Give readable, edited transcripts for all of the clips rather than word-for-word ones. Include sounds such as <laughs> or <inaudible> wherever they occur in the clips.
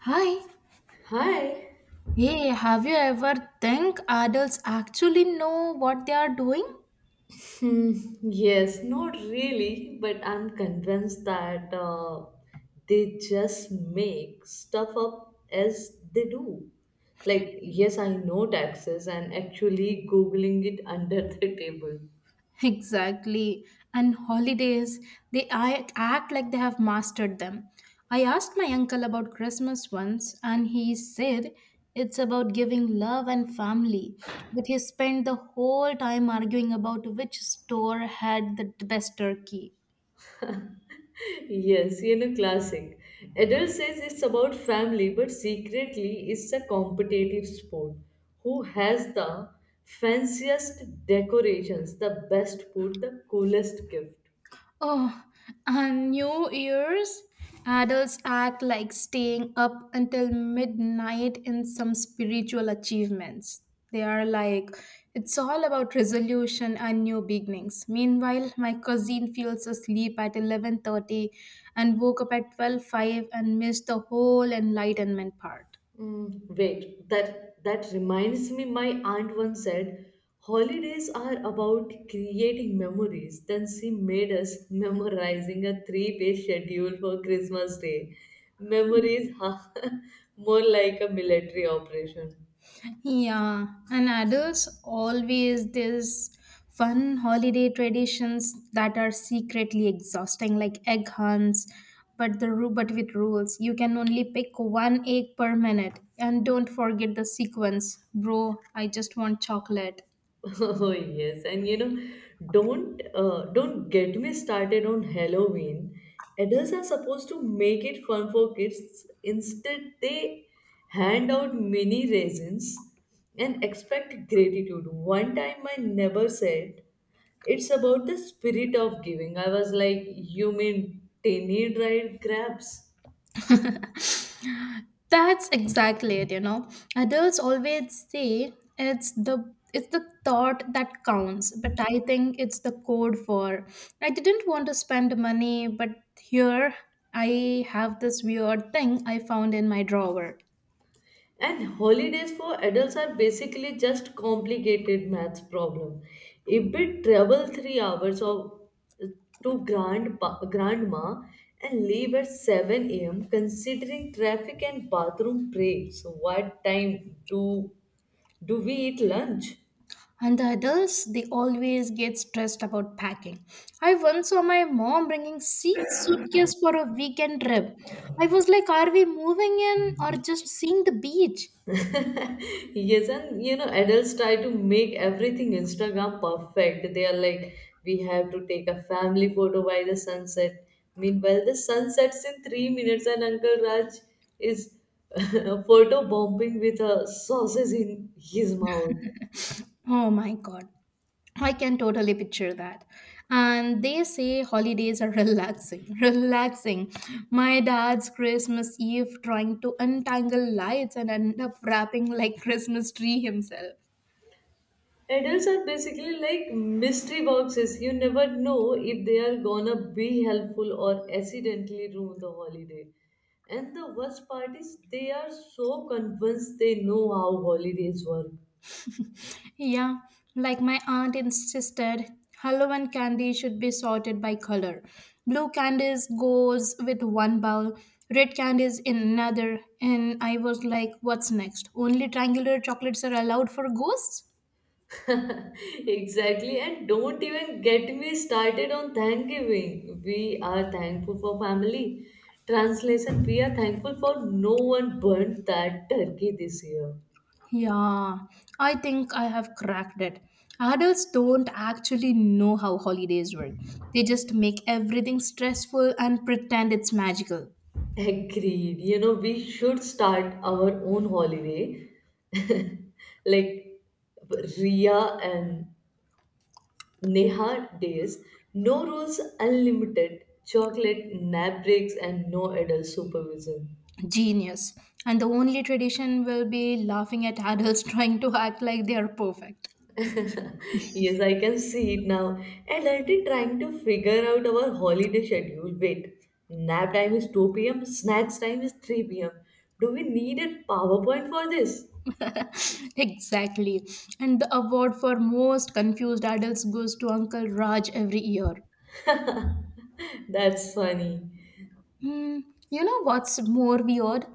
Hi. Hi. Hey, have you ever think adults actually know what they are doing? Hmm, yes, not really, but I'm convinced that they just make stuff up as they do. Like, yes, I know taxes and actually Googling it under <laughs> the table. <laughs> Exactly. And holidays, they act like they have mastered them. I asked my uncle about Christmas once, and he said it's about giving love and family. But he spent the whole time arguing about which store had the best turkey. Yes, you know, classic. Adult says it's about family, but secretly it's a competitive sport. Who has the fanciest decorations, the best food, the coolest gift? Oh, on New Year's, adults act like staying up until midnight in some spiritual achievements. They are like, it's all about resolution and new beginnings. Meanwhile, my cousin feels asleep at 11:30 and woke up at twelve five and missed the whole enlightenment part. Mm, wait, that reminds me. My aunt once said, "Holidays are about creating memories." Then she made us memorizing a three-page schedule for Christmas Day. Memories, <laughs> huh? More like a military operation. Yeah, and adults always this fun holiday traditions that are secretly exhausting, like egg hunts, but with rules. You can only pick one egg per minute, and don't forget the sequence, bro. I just want chocolate. <laughs> Oh yes, and don't get me started on Halloween. Adults are supposed to make it fun for kids. Instead, they hand out mini raisins and expect gratitude. One time, my neighbor said, "It's about the spirit of giving." I was like, "You mean tiny dried crabs?" That's exactly it. Adults always say it's the thought that counts, but I think it's the code for I didn't want to spend money, but here I have this weird thing I found in my drawer. And holidays for adults are basically just complicated maths problem. A bit travel 3 hours of, to grandpa, grandma and leave at 7 a.m. considering traffic and bathroom breaks. What time do we eat lunch? And the adults, they always get stressed about packing. I once saw my mom bringing six suitcases for a weekend trip. I was like, are we moving in or just seeing the beach? Yes, and you know, adults try to make everything Instagram perfect. They are like, we have to take a family photo by the sunset. Meanwhile, the sun sets in 3 minutes, and Uncle Raj is <laughs> photo bombing with a sausage in his mouth. Oh my god. I can totally picture that. And they say holidays are relaxing. <laughs> Relaxing. My dad's Christmas Eve trying to untangle lights and end up wrapping like Christmas tree himself. Adults are basically like mystery boxes. You never know if they are gonna be helpful or accidentally ruin the holiday. And the worst part is they are so convinced they know how holidays work. Yeah, like my aunt insisted, Halloween candy should be sorted by color. Blue candies goes with one bowl, red candies in another, and I was like, what's next? Only triangular chocolates are allowed for ghosts? <laughs> Exactly, and don't even get me started on Thanksgiving. We are thankful for family. Translation: we are thankful for no one burnt that turkey this year. Yeah, I think I have cracked it. Adults don't actually know how holidays work. They just make everything stressful and pretend it's magical. Agreed. You know, we should start our own holiday. <laughs> Like Ria and Neha days. No rules, unlimited chocolate, nap breaks, and no adult supervision. Genius. And the only tradition will be laughing at adults <laughs> trying to act like they are perfect. <laughs> Yes, I can see it now. Adulting trying to figure out our holiday schedule. Wait, nap time is 2 p.m., snacks time is 3 p.m. Do we need a PowerPoint for this? <laughs> Exactly. And the award for most confused adults goes to Uncle Raj every year. <laughs> That's funny. Hmm, you know what's more weird?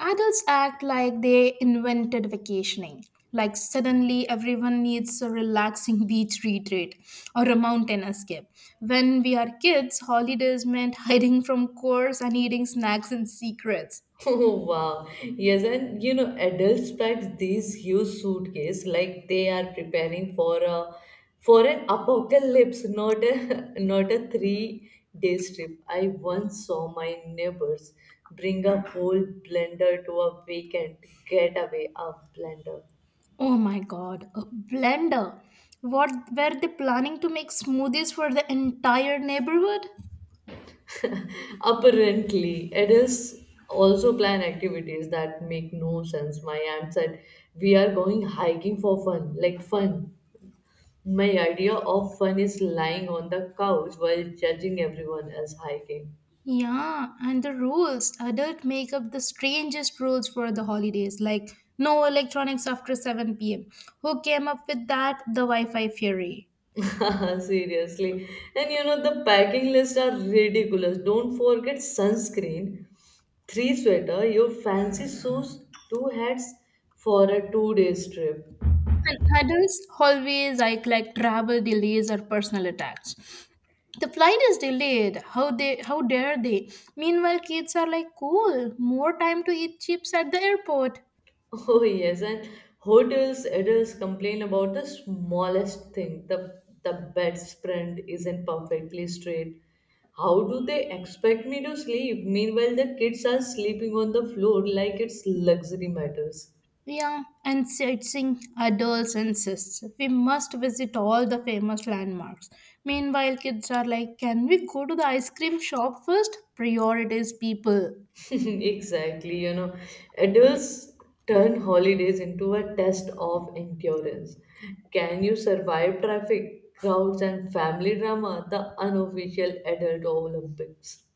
Adults act like they invented vacationing. Like suddenly everyone needs a relaxing <laughs> beach retreat or a mountain escape. When we are kids, holidays meant <laughs> hiding from chores and eating snacks in secrets. <laughs> Oh, wow. Yes, and you know, adults pack these huge suitcase like they are preparing for a for an apocalypse, not a <laughs> not a 3 day trip. I once saw my neighbors bring a whole blender to a weekend getaway. A blender. Oh my god, a blender. What were they planning to make smoothies for the entire neighborhood? Apparently, adults also plan activities that make no sense. My aunt said, "We are going hiking for fun, like fun." My idea of fun is lying on the couch while judging everyone else hiking. Yeah, and the rules. Adult make up the strangest rules for the holidays, like no electronics after 7 p.m. Who came up with that? The Wi-Fi fury. <laughs> Seriously. And you know, the packing lists are ridiculous. Don't forget sunscreen, three sweater, your fancy shoes, two hats for a 2 day trip. And adults always like travel delays or personal attacks. The flight is delayed. How dare they? Meanwhile, kids are like cool, more time to eat chips at the airport. Oh yes, and hotels adults complain about the smallest thing. The bedspread isn't perfectly straight. How do they expect me to sleep? Meanwhile, the kids are sleeping on the floor like it's luxury matters. Yeah, and searching adults insists we must visit all the famous landmarks. Meanwhile, kids are like, can we go to the ice cream shop first? Priorities, people. <laughs> Exactly, you know, adults turn holidays into a test of endurance. Can you survive traffic, crowds, and family drama? The unofficial adult Olympics.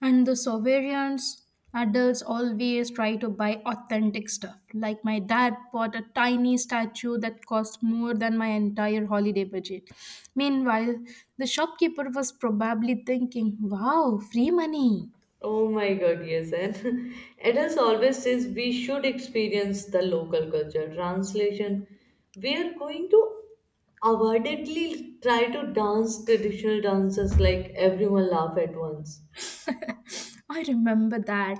And the sovereigns, adults always try to buy authentic stuff. Like my dad bought a tiny statue that cost more than my entire holiday budget. Meanwhile, the shopkeeper was probably thinking, wow, free money. Oh my God, yes. And <laughs> Adams always says we should experience the local culture. Translation, we are going to avoidedly try to dance traditional dances like everyone laugh at once. I remember that.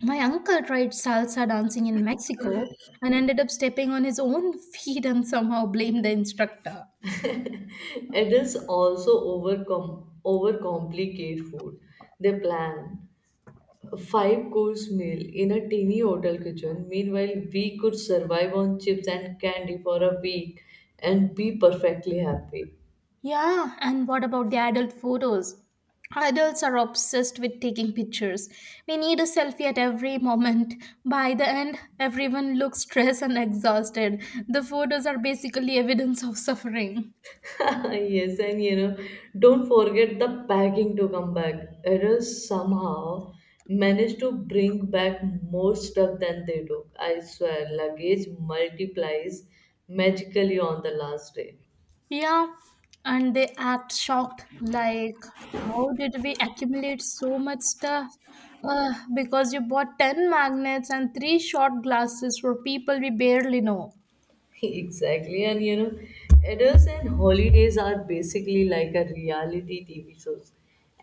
My uncle tried salsa dancing in Mexico and ended up stepping on his own feet and somehow blamed the instructor. <laughs> Adults also overcomplicate food. They plan a five course meal in a teeny hotel kitchen. Meanwhile, we could survive on chips and candy for a week and be perfectly happy. Yeah, and what about the adult photos? Adults are obsessed with taking pictures. We need a selfie at every moment. By the end, everyone looks stressed and exhausted. The photos are basically evidence of suffering. <laughs> Yes, and you know, don't forget the packing to come back. Errors somehow managed to bring back more stuff than they took. I swear, luggage multiplies magically on the last day. Yeah, and they act shocked, like, how did we accumulate so much stuff? Because you bought 10 magnets and three shot glasses for people we barely know. <laughs> Exactly, and you know, errors and holidays are basically like a reality TV shows,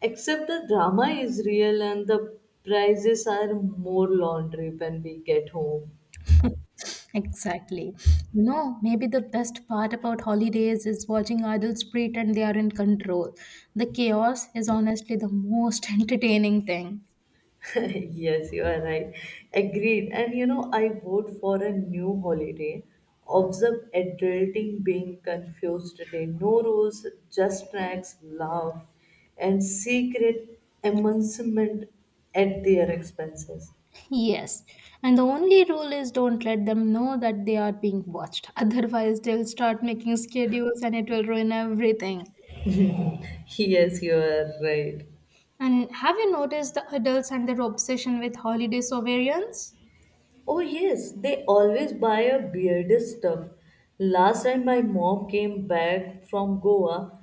except the drama is real and the prizes are more laundry when we get home. Exactly. You know, maybe the best part about holidays is watching adults pretend they are in control. The chaos is honestly the most <laughs> entertaining thing. <laughs> Yes, you are right. Agreed. And you know, I vote for a new holiday. Observe adulting being confused today. No rules, just tracks, love, and secret amusement at their expenses. Yes, and the only rule is don't let them know that they are being watched. <laughs> Otherwise, they'll start making schedules and it will ruin everything. Yes, you are right. And have you noticed the adults and their obsession with holiday sovereigns? Oh yes, they always buy a bearded stuff. Last time my mom came back from Goa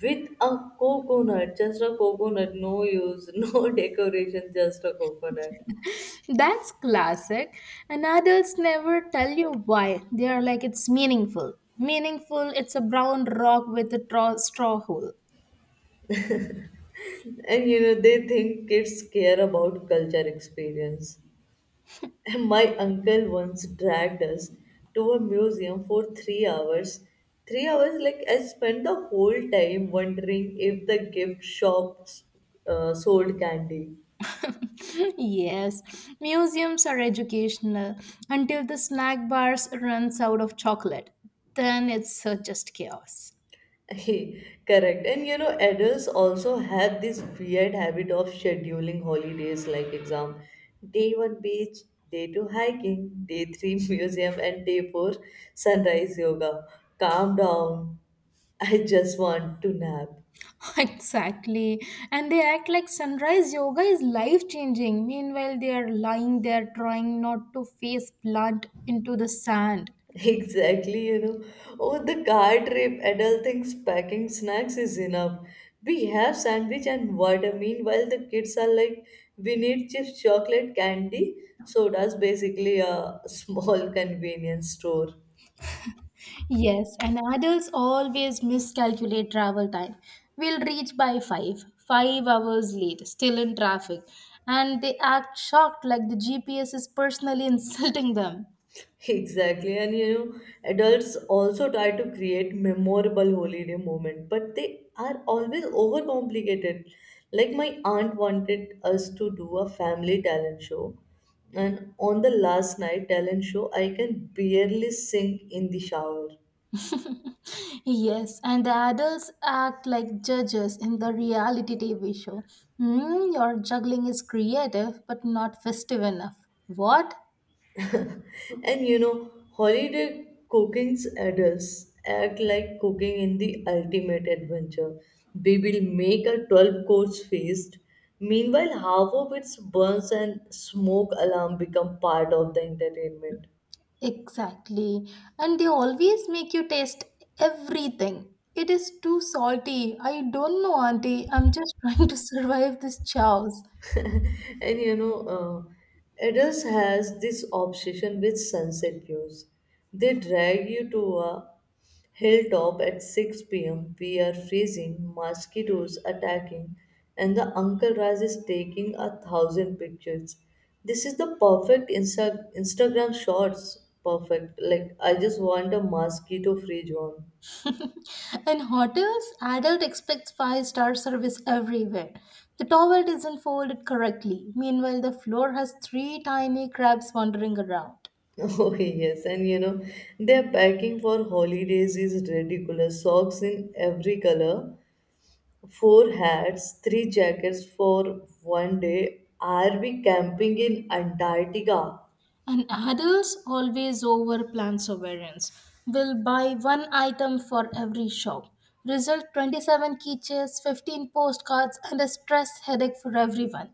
with a coconut, just a coconut, no use, <laughs> no decoration, just a coconut. <laughs> That's classic. And adults never tell you why. They are like, it's meaningful. Meaningful, it's a brown rock with a straw hole. And you know, they think kids care about culture experience. And my uncle once dragged us to a museum for 3 hours. 3 hours, like I spent the whole time wondering if the gift shop sold candy. <laughs> Yes, museums are educational until the snack bars runs out of chocolate. Then it's just chaos. <laughs> Correct. And you know, adults also have this weird habit of scheduling holidays like exam. Day one beach, day two hiking, day three <laughs> museum, and day four sunrise yoga. Calm down. I just want to nap. <laughs> Exactly. And they act like sunrise yoga is life changing. Meanwhile, they are lying there trying not to face plant into the sand. Exactly, you know. Oh, the car trip, adult thinks packing snacks is enough. We have sandwich and water. Meanwhile, the kids are like, we need chips, chocolate, candy. Soda's basically a <laughs> small convenience store. Yes, and adults always miscalculate travel time. We'll reach by 5, 5 hours late, still in traffic, and they act shocked like the GPS is personally <laughs> insulting them. <laughs> Exactly, and you know, adults also try to create memorable holiday moment, but they are always overcomplicated. Like my aunt wanted us to do a family talent show, and on the last night talent show, I can barely sing in the shower. <laughs> Yes, and the adults act like judges in the reality TV show. Hmm, your juggling is creative but not festive enough. What? And you know, holiday cooking's adults act like cooking in the ultimate adventure. We will make a 12 course feast. Meanwhile, half of its burns and smoke alarm become part of the entertainment. Exactly. And they always make you taste everything. It is too salty. I don't know, Auntie. I'm just <laughs> trying to survive this chows. And you know, adults has this obsession with sunset views. They drag you to a hilltop at 6 p.m. We are freezing, mosquitoes attacking, and the uncle Raj is taking a thousand pictures. This is the perfect Instagram shorts. Perfect. Like I just want a mosquito-free zone. <laughs> In hotels, adult expects five-star service everywhere. The towel isn't folded correctly. Meanwhile, the floor has three tiny crabs wandering around. Oh <laughs> yes, and you know, their packing for holidays is ridiculous. Socks in every color. Four hats, three jackets for one day. Are we camping in Antarctica? And others always overplan sovereigns. Will buy one item for every shop. Result 27 keychains, 15 postcards, and a stress headache for everyone.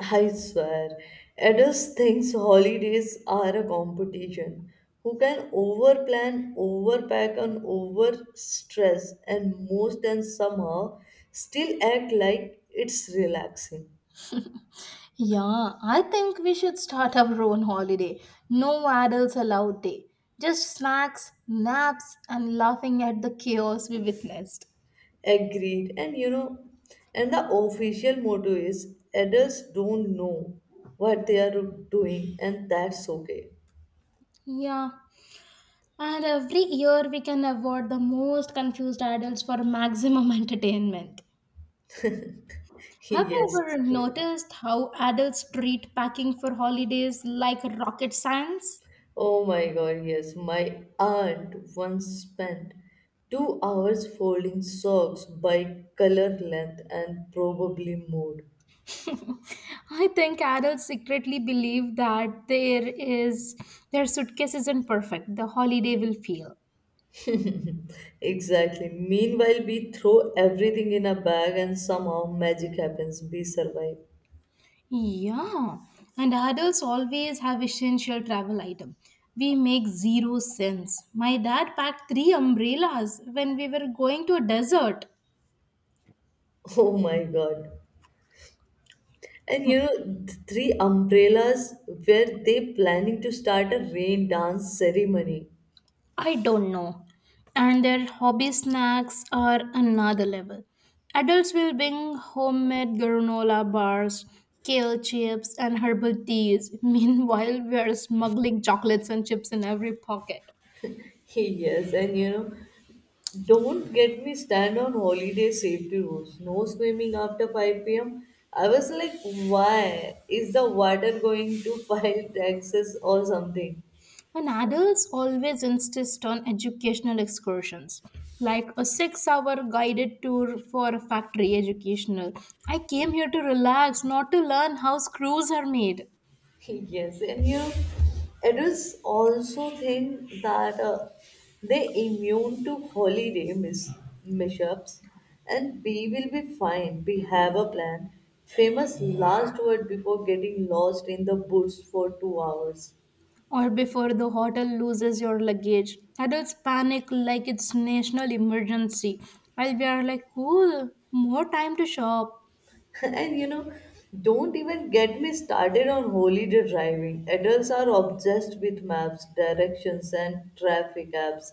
I swear. Adults thinks holidays are a competition. Who can overplan, overpack, and overstress, and somehow still act like it's relaxing. Yeah, I think we should start our own holiday. No adults allowed day. Just snacks, naps, and laughing at the chaos we witnessed. Agreed. And the official motto is adults don't know what they are doing, and that's okay. Yeah, and every year we can award the most confused adults for maximum <laughs> entertainment. <laughs> Have you Yes. ever noticed how adults treat packing for holidays like rocket science? Oh my God, yes. My aunt once spent 2 hours folding socks by color length and probably mood. I think adults secretly believe that there is their suitcase isn't perfect, the holiday will feel. Exactly. Meanwhile, we throw everything in a bag and somehow magic happens. We survive. <laughs> Yeah, and adults always have essential travel item. We make zero sense. My dad packed three umbrellas when we were going to a desert. Oh my God. And you know, three umbrellas were they planning to start a rain dance ceremony. I don't know. And their hobby snacks are another level. Adults will bring homemade granola bars, kale chips, and herbal teas. <laughs> Meanwhile, we are smuggling chocolates and chips in every pocket. <laughs> Yes, and you know, don't get me stand on holiday safety rules. No swimming after 5 pm. I was like, why? Is the water going to <laughs> file taxes or something? And adults always insist on educational excursions, like a 6 hour guided tour for a factory educational. I came here to relax, not to learn how screws are made. <laughs> yes, and you know, adults also think that they immune to holiday mishaps and we will be fine. We have a plan. Famous last word before getting lost in the woods for 2 hours. Or before the hotel loses your luggage. Adults panic like it's national emergency, while we are like, cool, more time to shop. <laughs> <laughs> And you know, don't even get me started on holiday driving. Adults are obsessed with maps, directions, and traffic apps.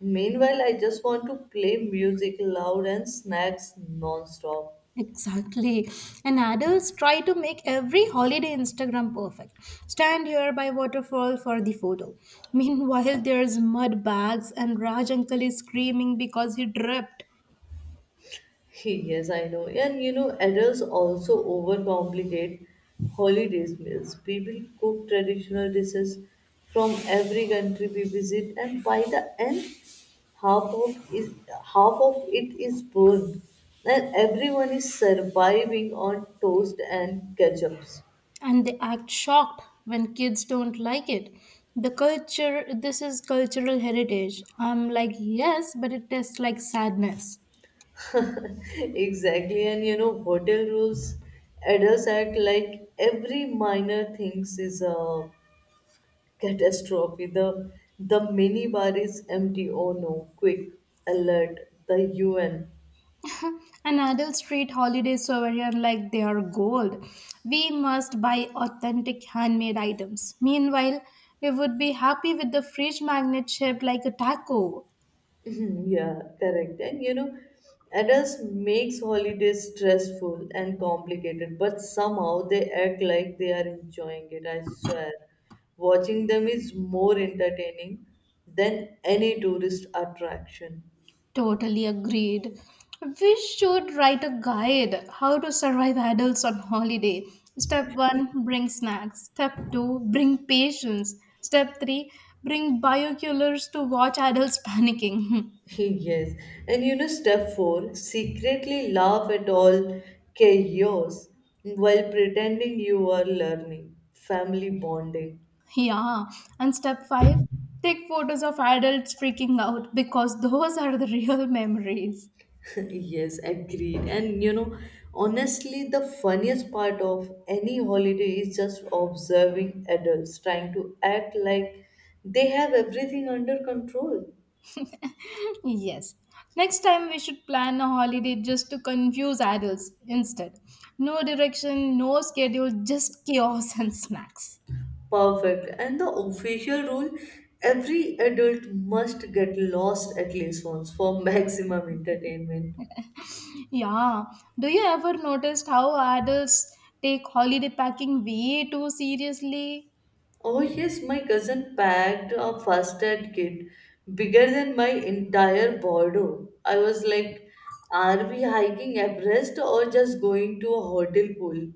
Meanwhile, I just want to play music loud and snacks non-stop. Exactly. And adults try to make every holiday Instagram perfect. Stand here by waterfall for the photo. Meanwhile, there's mud bags and Raj uncle is screaming because he dripped. Hey, yes, I know. And you know, adults also overcomplicate holidays meals. People cook traditional dishes from every country we visit, and by the end, half of is half of it is burned, and everyone is surviving on toast and ketchups. And they act shocked when kids don't like it. The culture, this is cultural heritage. I'm like, yes, but it tastes like sadness. <laughs> Exactly, and you know, hotel rules, adults act like every minor things is a catastrophe. The minibar is empty. Oh no. Quick alert. The UN. And adults treat holidays over here like they are gold. We must buy authentic handmade items. Meanwhile, we would be happy with the fridge magnet shaped like a taco. <laughs> <clears throat> yeah, correct. And you know, adults makes holidays stressful and complicated, but somehow they act like they are enjoying it, I swear. Watching them is more entertaining than any tourist attraction. Totally agreed. We should write a guide how to survive adults on holiday. Step 1 bring snacks. Step 2 bring patience. Step 3 bring binoculars to watch adults panicking. Yes, and you know, step four secretly laugh at all chaos while pretending you are learning. Family bonding. <laughs> Yeah. And step 5 take photos of adults freaking out because those are the <laughs> real memories. <laughs> Yes, agreed. And you know, honestly, the funniest part of any holiday is just observing adults trying to act like they have everything under control. Yes. Next time we should plan a holiday just to confuse adults instead. No direction, no schedule, just chaos <laughs> and snacks. Perfect. And the official rule every adult must get lost at least once for <laughs> maximum entertainment. Yeah. Do you ever notice how adults take holiday packing way too seriously? Oh, yes, my cousin packed a first aid kit bigger than my entire Bordeaux. I was like, are we hiking Everest or just going to a hotel pool?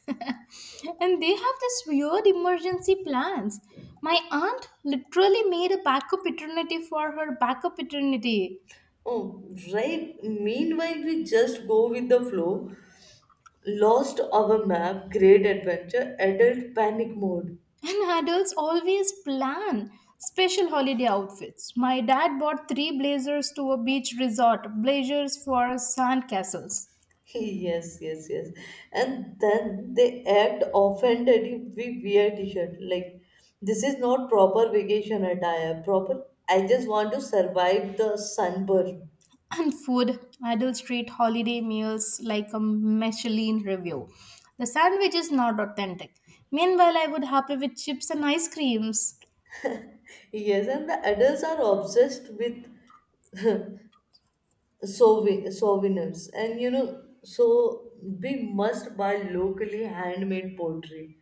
<laughs> And they have this weird emergency plans. My aunt literally made a backup eternity for her backup eternity. Oh, right. Meanwhile, we just go with the flow. Lost our map, great adventure, adult panic mode. And adults always plan special holiday outfits. My dad bought three blazers to a beach resort, blazers for sand castles. Yes, yes, yes. And then they act offended if we wear t-shirt. Like, this is not proper vacation attire. Proper, I just want to survive the sunburn. And food, adults treat holiday meals like a Michelin review. The sandwich is not authentic. Meanwhile, I would happy with chips and ice creams. Yes, and the adults are obsessed with souvenirs. And you know, so we must buy locally handmade pottery.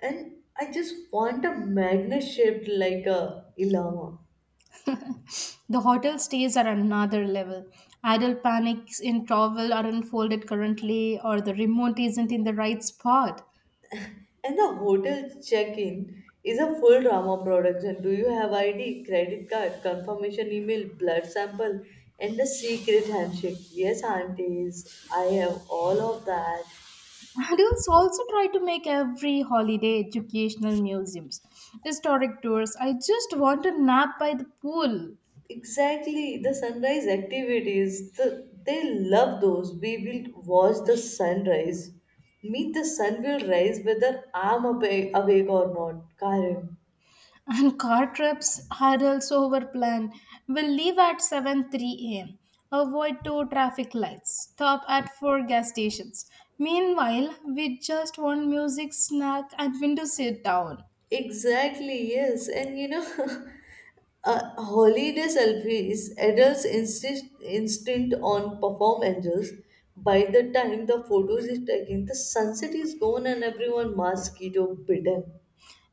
And I just want a magnet shaped like a llama. The hotel stays are another level. Adult panics in travel are unfolded currently, or the remote isn't in the right spot. And the hotel check-in is a full drama production. Do you have ID, credit card, confirmation email, blood sample, and the secret handshake? Yes, aunties, I have all of that. Adults also try to make every holiday educational museums, historic tours. I just want a nap by the pool. Exactly, the sunrise activities. The, they love those. We will watch the sunrise. Meet the sun will rise whether I'm awake or not, Karen. And car trips are also over plan. We'll leave at 7 3 a.m. Avoid two traffic lights. Stop at four gas stations. Meanwhile, we just want music, snack, and window sit down. Exactly, yes. And you know, <laughs> a holiday selfie is adults' insist, instinct on perform angels. By the time the photos is taken, the sunset is gone and everyone mosquito bitten.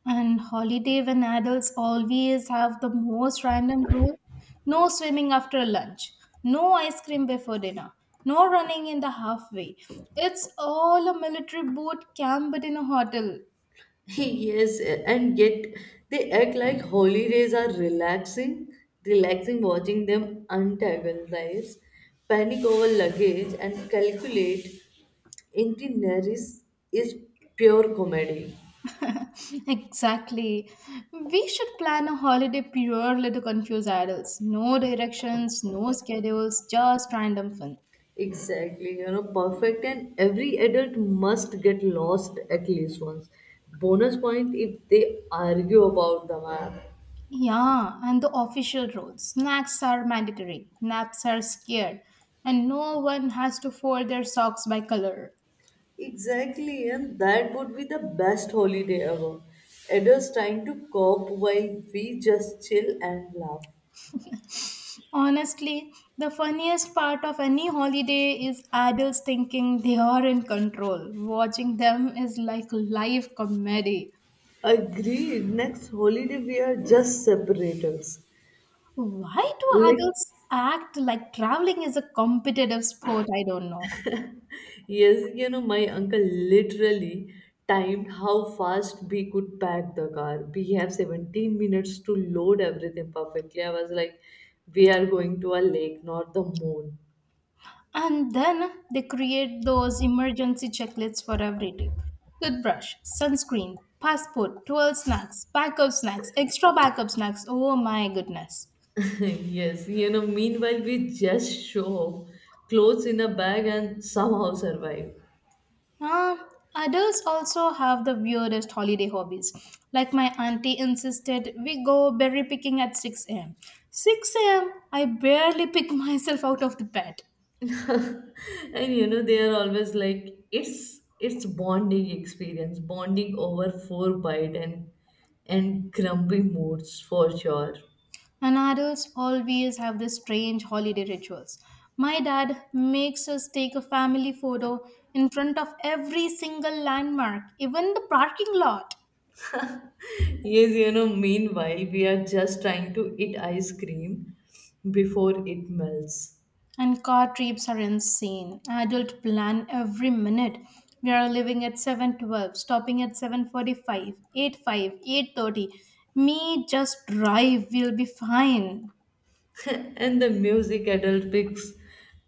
And holiday when adults always have the most random rule. No swimming after lunch. No ice cream before dinner. No running in the halfway. It's all a military boot camp but in a hotel. <laughs> Yes, and yet they act like holidays are relaxing, relaxing watching them antagonize, panic over luggage, and calculate itineraries is pure comedy. <laughs> Exactly. We should plan a holiday purely to confuse adults. No directions, no schedules, just random fun. Exactly, you know, perfect, and every adult must get lost at least once. Bonus point if they argue about the map. Yeah, and the official rules. Snacks are mandatory, naps are scared, and no one has to fold their socks by color. Exactly, and that would be the best holiday ever. Adults trying to cope while we just chill and laugh. Honestly, the funniest part of any holiday is adults thinking they are in control. Watching them is like live comedy. Agreed, next holiday we are just separators. Why do Like. adults act like traveling is a competitive sport? I don't know. Yes, you know, my uncle literally timed how fast we could pack the car. We have 17 minutes to load everything perfectly. I was like, we are going to a lake, not the moon. And then they create those emergency checklists for every tip toothbrush, sunscreen, passport, 12 snacks, backup snacks, extra backup snacks. Oh my goodness. <laughs> Yes, you know, meanwhile, we just show off clothes in a bag and somehow survive. Uh, Adults also have the weirdest holiday hobbies. Like my auntie insisted, we go berry picking at 6 a.m. 6 a.m. I barely pick <laughs> myself out of the bed. <laughs> And you know, they are always like, it's bonding experience, bonding over four bite and grumpy moods for sure. And adults always have these strange holiday rituals. My dad makes us take a family photo in front of every single landmark, even the parking lot. Yes, you know, meanwhile, we are just trying to eat ice cream before it melts. And car trips are insane. Adult plan every minute. We are leaving at 7:12, stopping at 7:45, eight five, 8:30. Me just drive, we'll be fine. <laughs> And the music adult picks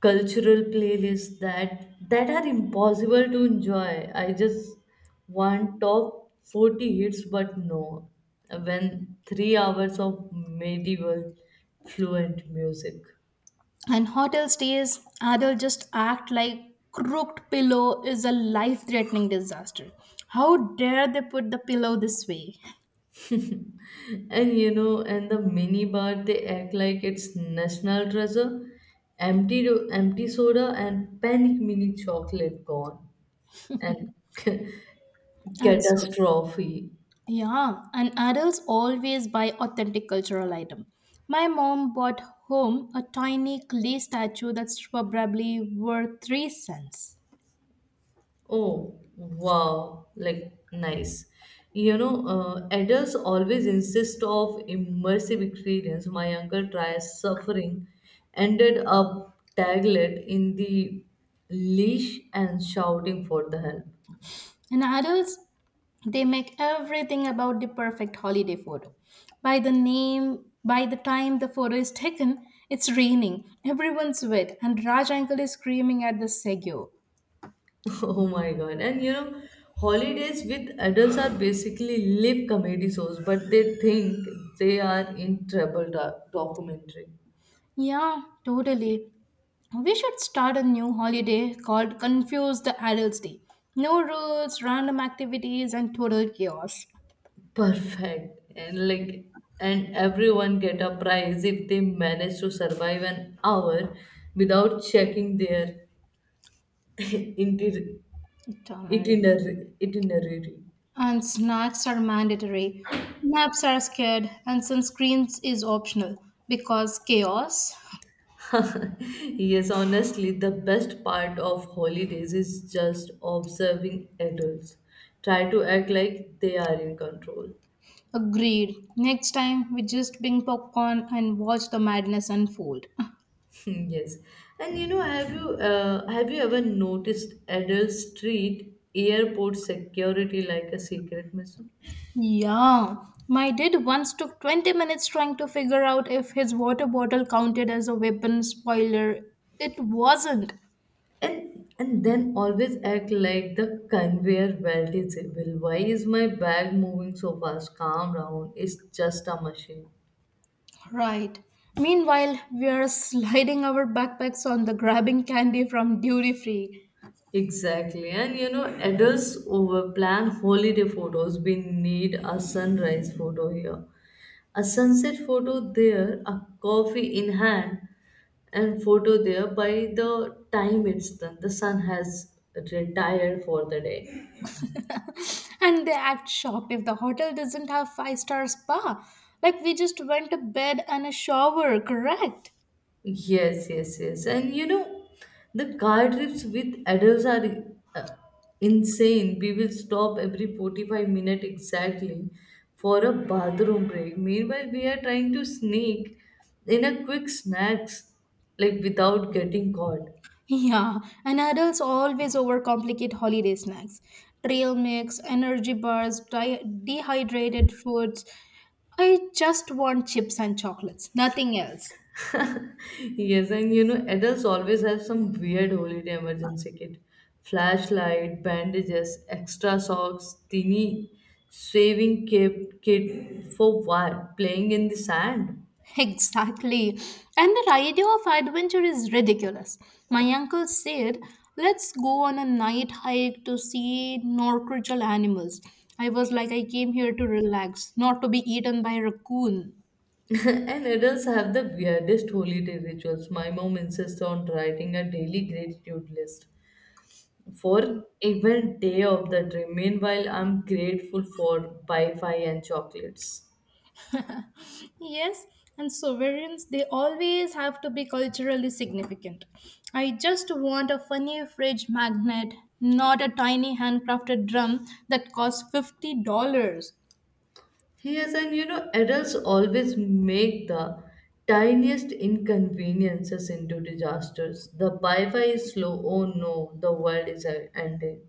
cultural playlists that are impossible to enjoy. I just want top 40 hits, but no. When 3 hours of medieval fluent music. And hotel stays, adults just act like crooked pillow is a life threatening disaster. How dare they put the pillow this way? <laughs> And you know, and the mini bar they act like it's national treasure. Empty, empty soda and panic mini chocolate gone and <laughs> And so, catastrophe. yeah, and adults always buy authentic cultural item. My mom bought home a tiny clay statue that's probably worth 3 cents. Oh wow, like nice. You know, adults always insist of immersive experience. My uncle tries suffering, ended up taglet in the leash and shouting for the help. And adults They make everything about the perfect holiday photo. By the time the photo is taken, it's raining, everyone's wet, and Raj uncle is screaming at the Segyo. <laughs> Oh my god. And you know, holidays with adults are basically live comedy shows, but they think they are in trouble documentary. Yeah, totally. We should start a new holiday called Confuse the Adults Day. No rules, random activities, and total chaos. Perfect. And like, and everyone get a prize if they manage to survive an hour without checking their <laughs> itiner- Itamari. itinerary itinerary. And snacks are mandatory. Naps are scared, and sunscreens is optional because chaos. Yes, honestly, the best part of holidays is just observing adults. Try to act like they are in control. Agreed. Next time we just bring popcorn and watch the madness unfold. <laughs> Yes, and you know, have you ever noticed adults treat airport security like a secret mission? Yeah, my dad once took 20 minutes trying to figure out if his water bottle counted as a weapon. Spoiler, it wasn't. And then always act like the conveyor belt is evil. Why is my bag moving so fast? Calm down. It's just a machine. Right. Meanwhile, we are sliding our backpacks on the grabbing candy from duty free. Exactly. And you know, adults overplan holiday photos. We need a sunrise photo here, a sunset photo there, a coffee in hand, and photo there. By the time it's done, the sun has retired for the day. And they act shocked if the hotel doesn't have five-star spa. Like we just went to bed and a shower, correct? Yes, yes, yes. And you know, the car trips with adults are uh, insane. We will stop every 45 minutes exactly for a bathroom break. Meanwhile, we are trying to sneak in a quick snacks like without getting caught. Yeah, and adults always overcomplicate holiday snacks. Trail mix, energy bars, dehydrated foods. I just want chips and chocolates, nothing else. <laughs> Yes, and you know, adults always have some weird holiday emergency kit. Flashlight, bandages, extra socks, teeny shaving cape kit for what? Playing in the sand. Exactly. And the idea of adventure is ridiculous. My uncle said, let's go on a night hike to see Norcragel animals. I was like, I came here to relax, not to be eaten by a raccoon. <laughs> And adults have the weirdest holiday rituals. My mom insists on writing a daily gratitude list for even day of the dream. Meanwhile, I'm grateful for Wi-Fi and chocolates. Yes, and sovereigns, they always have to be culturally significant. I just want a funny fridge magnet, not a tiny handcrafted drum that costs $50. Yes, and you know, adults always make the tiniest inconveniences into disasters. The Wi Fi is slow, oh no, the world is ending.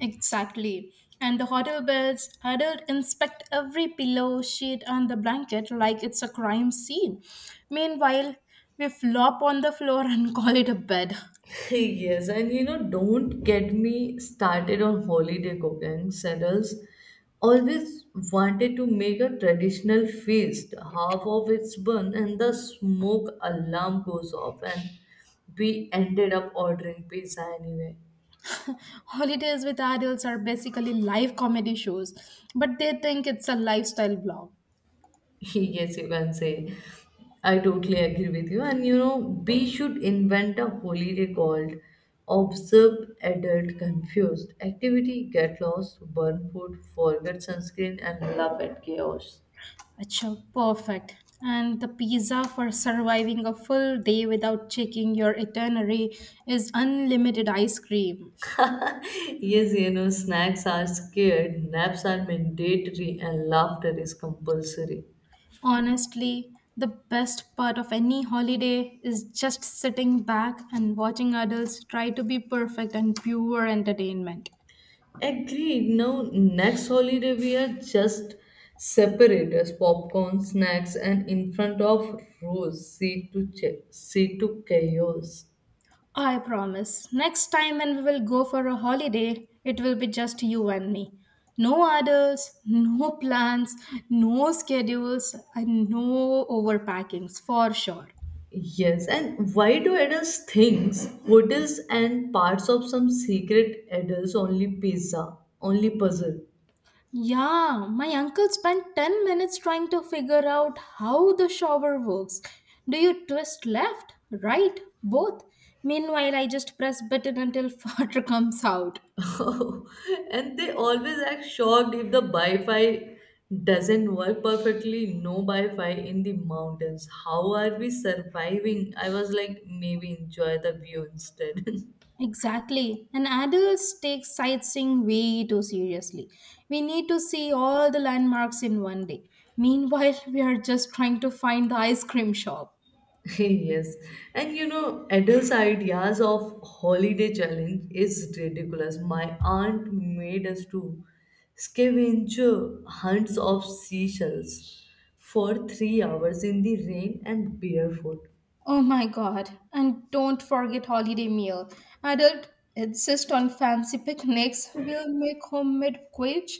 Exactly. And the hotel beds, adult inspect every pillow, sheet, and the blanket like it's a crime scene. Meanwhile, we flop on the floor and <laughs> call it a bed. <laughs> Yes, and you know, don't get me started on holiday cooking. Saddles always wanted to make a traditional feast. Half of it's burned, and the smoke alarm goes off, and we ended up ordering pizza anyway. Holidays with adults are basically live comedy shows, but they think it's a lifestyle blog. Yes, you can say. I totally agree with you. And you know, we should invent a holiday called Observe Adult Confused. Activity, get lost, burn food, forget sunscreen, and laugh at chaos. Achha, perfect. And the pizza for surviving a full day without checking your itinerary is unlimited ice cream. <laughs> Yes, you know, snacks are scared, naps are mandatory, and laughter is compulsory. Honestly, the best part of any holiday is just sitting back and watching adults try to be perfect and pure entertainment. Agreed. Now, next holiday, we are just separators, popcorn, snacks, and in front of rows, see to chaos. I promise. Next time when we will go for a holiday, it will be just you and me. No others, no plans, no schedules, and no overpackings for sure. Yes, and why do adults think hotels and parts of some secret adults only pizza, only puzzle? Yeah, my uncle spent 10 minutes trying to figure out how the shower works. Do you twist left, right, both? Meanwhile, I just press button until <laughs> water comes out. Oh, <laughs> and they always act shocked if the Wi-Fi doesn't work perfectly. No Wi-Fi in the mountains. How are we surviving? I was like, maybe enjoy the view instead. <laughs> Exactly. And adults take sightseeing way too seriously. We need to see all the landmarks in one day. Meanwhile, <laughs> we are just trying to find the ice cream shop. Yes, and you know, adults' ideas of holiday challenge is ridiculous. My aunt made us to scavenger hunts of seashells for 3 hours in the rain and barefoot. Oh my god. And don't forget holiday meal. Adult insist on fancy picnics. We'll make homemade quiche,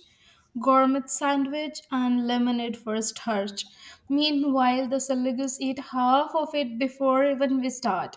gourmet sandwich, and lemonade for starch. Meanwhile, the Seligus eat half of it before even we start.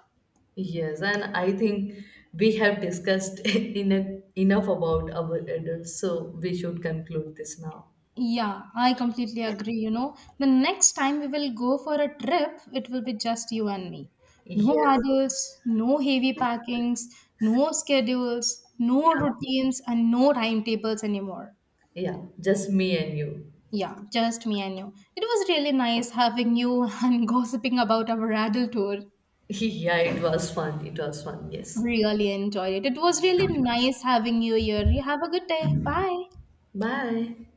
Yes, and I think we have discussed <laughs> enough about our adults, so we should conclude this now. Yeah, I completely agree. You know, the next time we will go for a trip, it will be just you and me. No Yes, adults, no heavy packings, no schedules, yeah, no routines, and no timetables anymore. yeah, just me and you. Yeah, just me and you. It was really nice having you <laughs> and gossiping about our adult tour. <laughs> Yeah, it was fun. It was fun. Yes. Really enjoyed it. It was really nice having you here. You have a good day. Bye. Bye.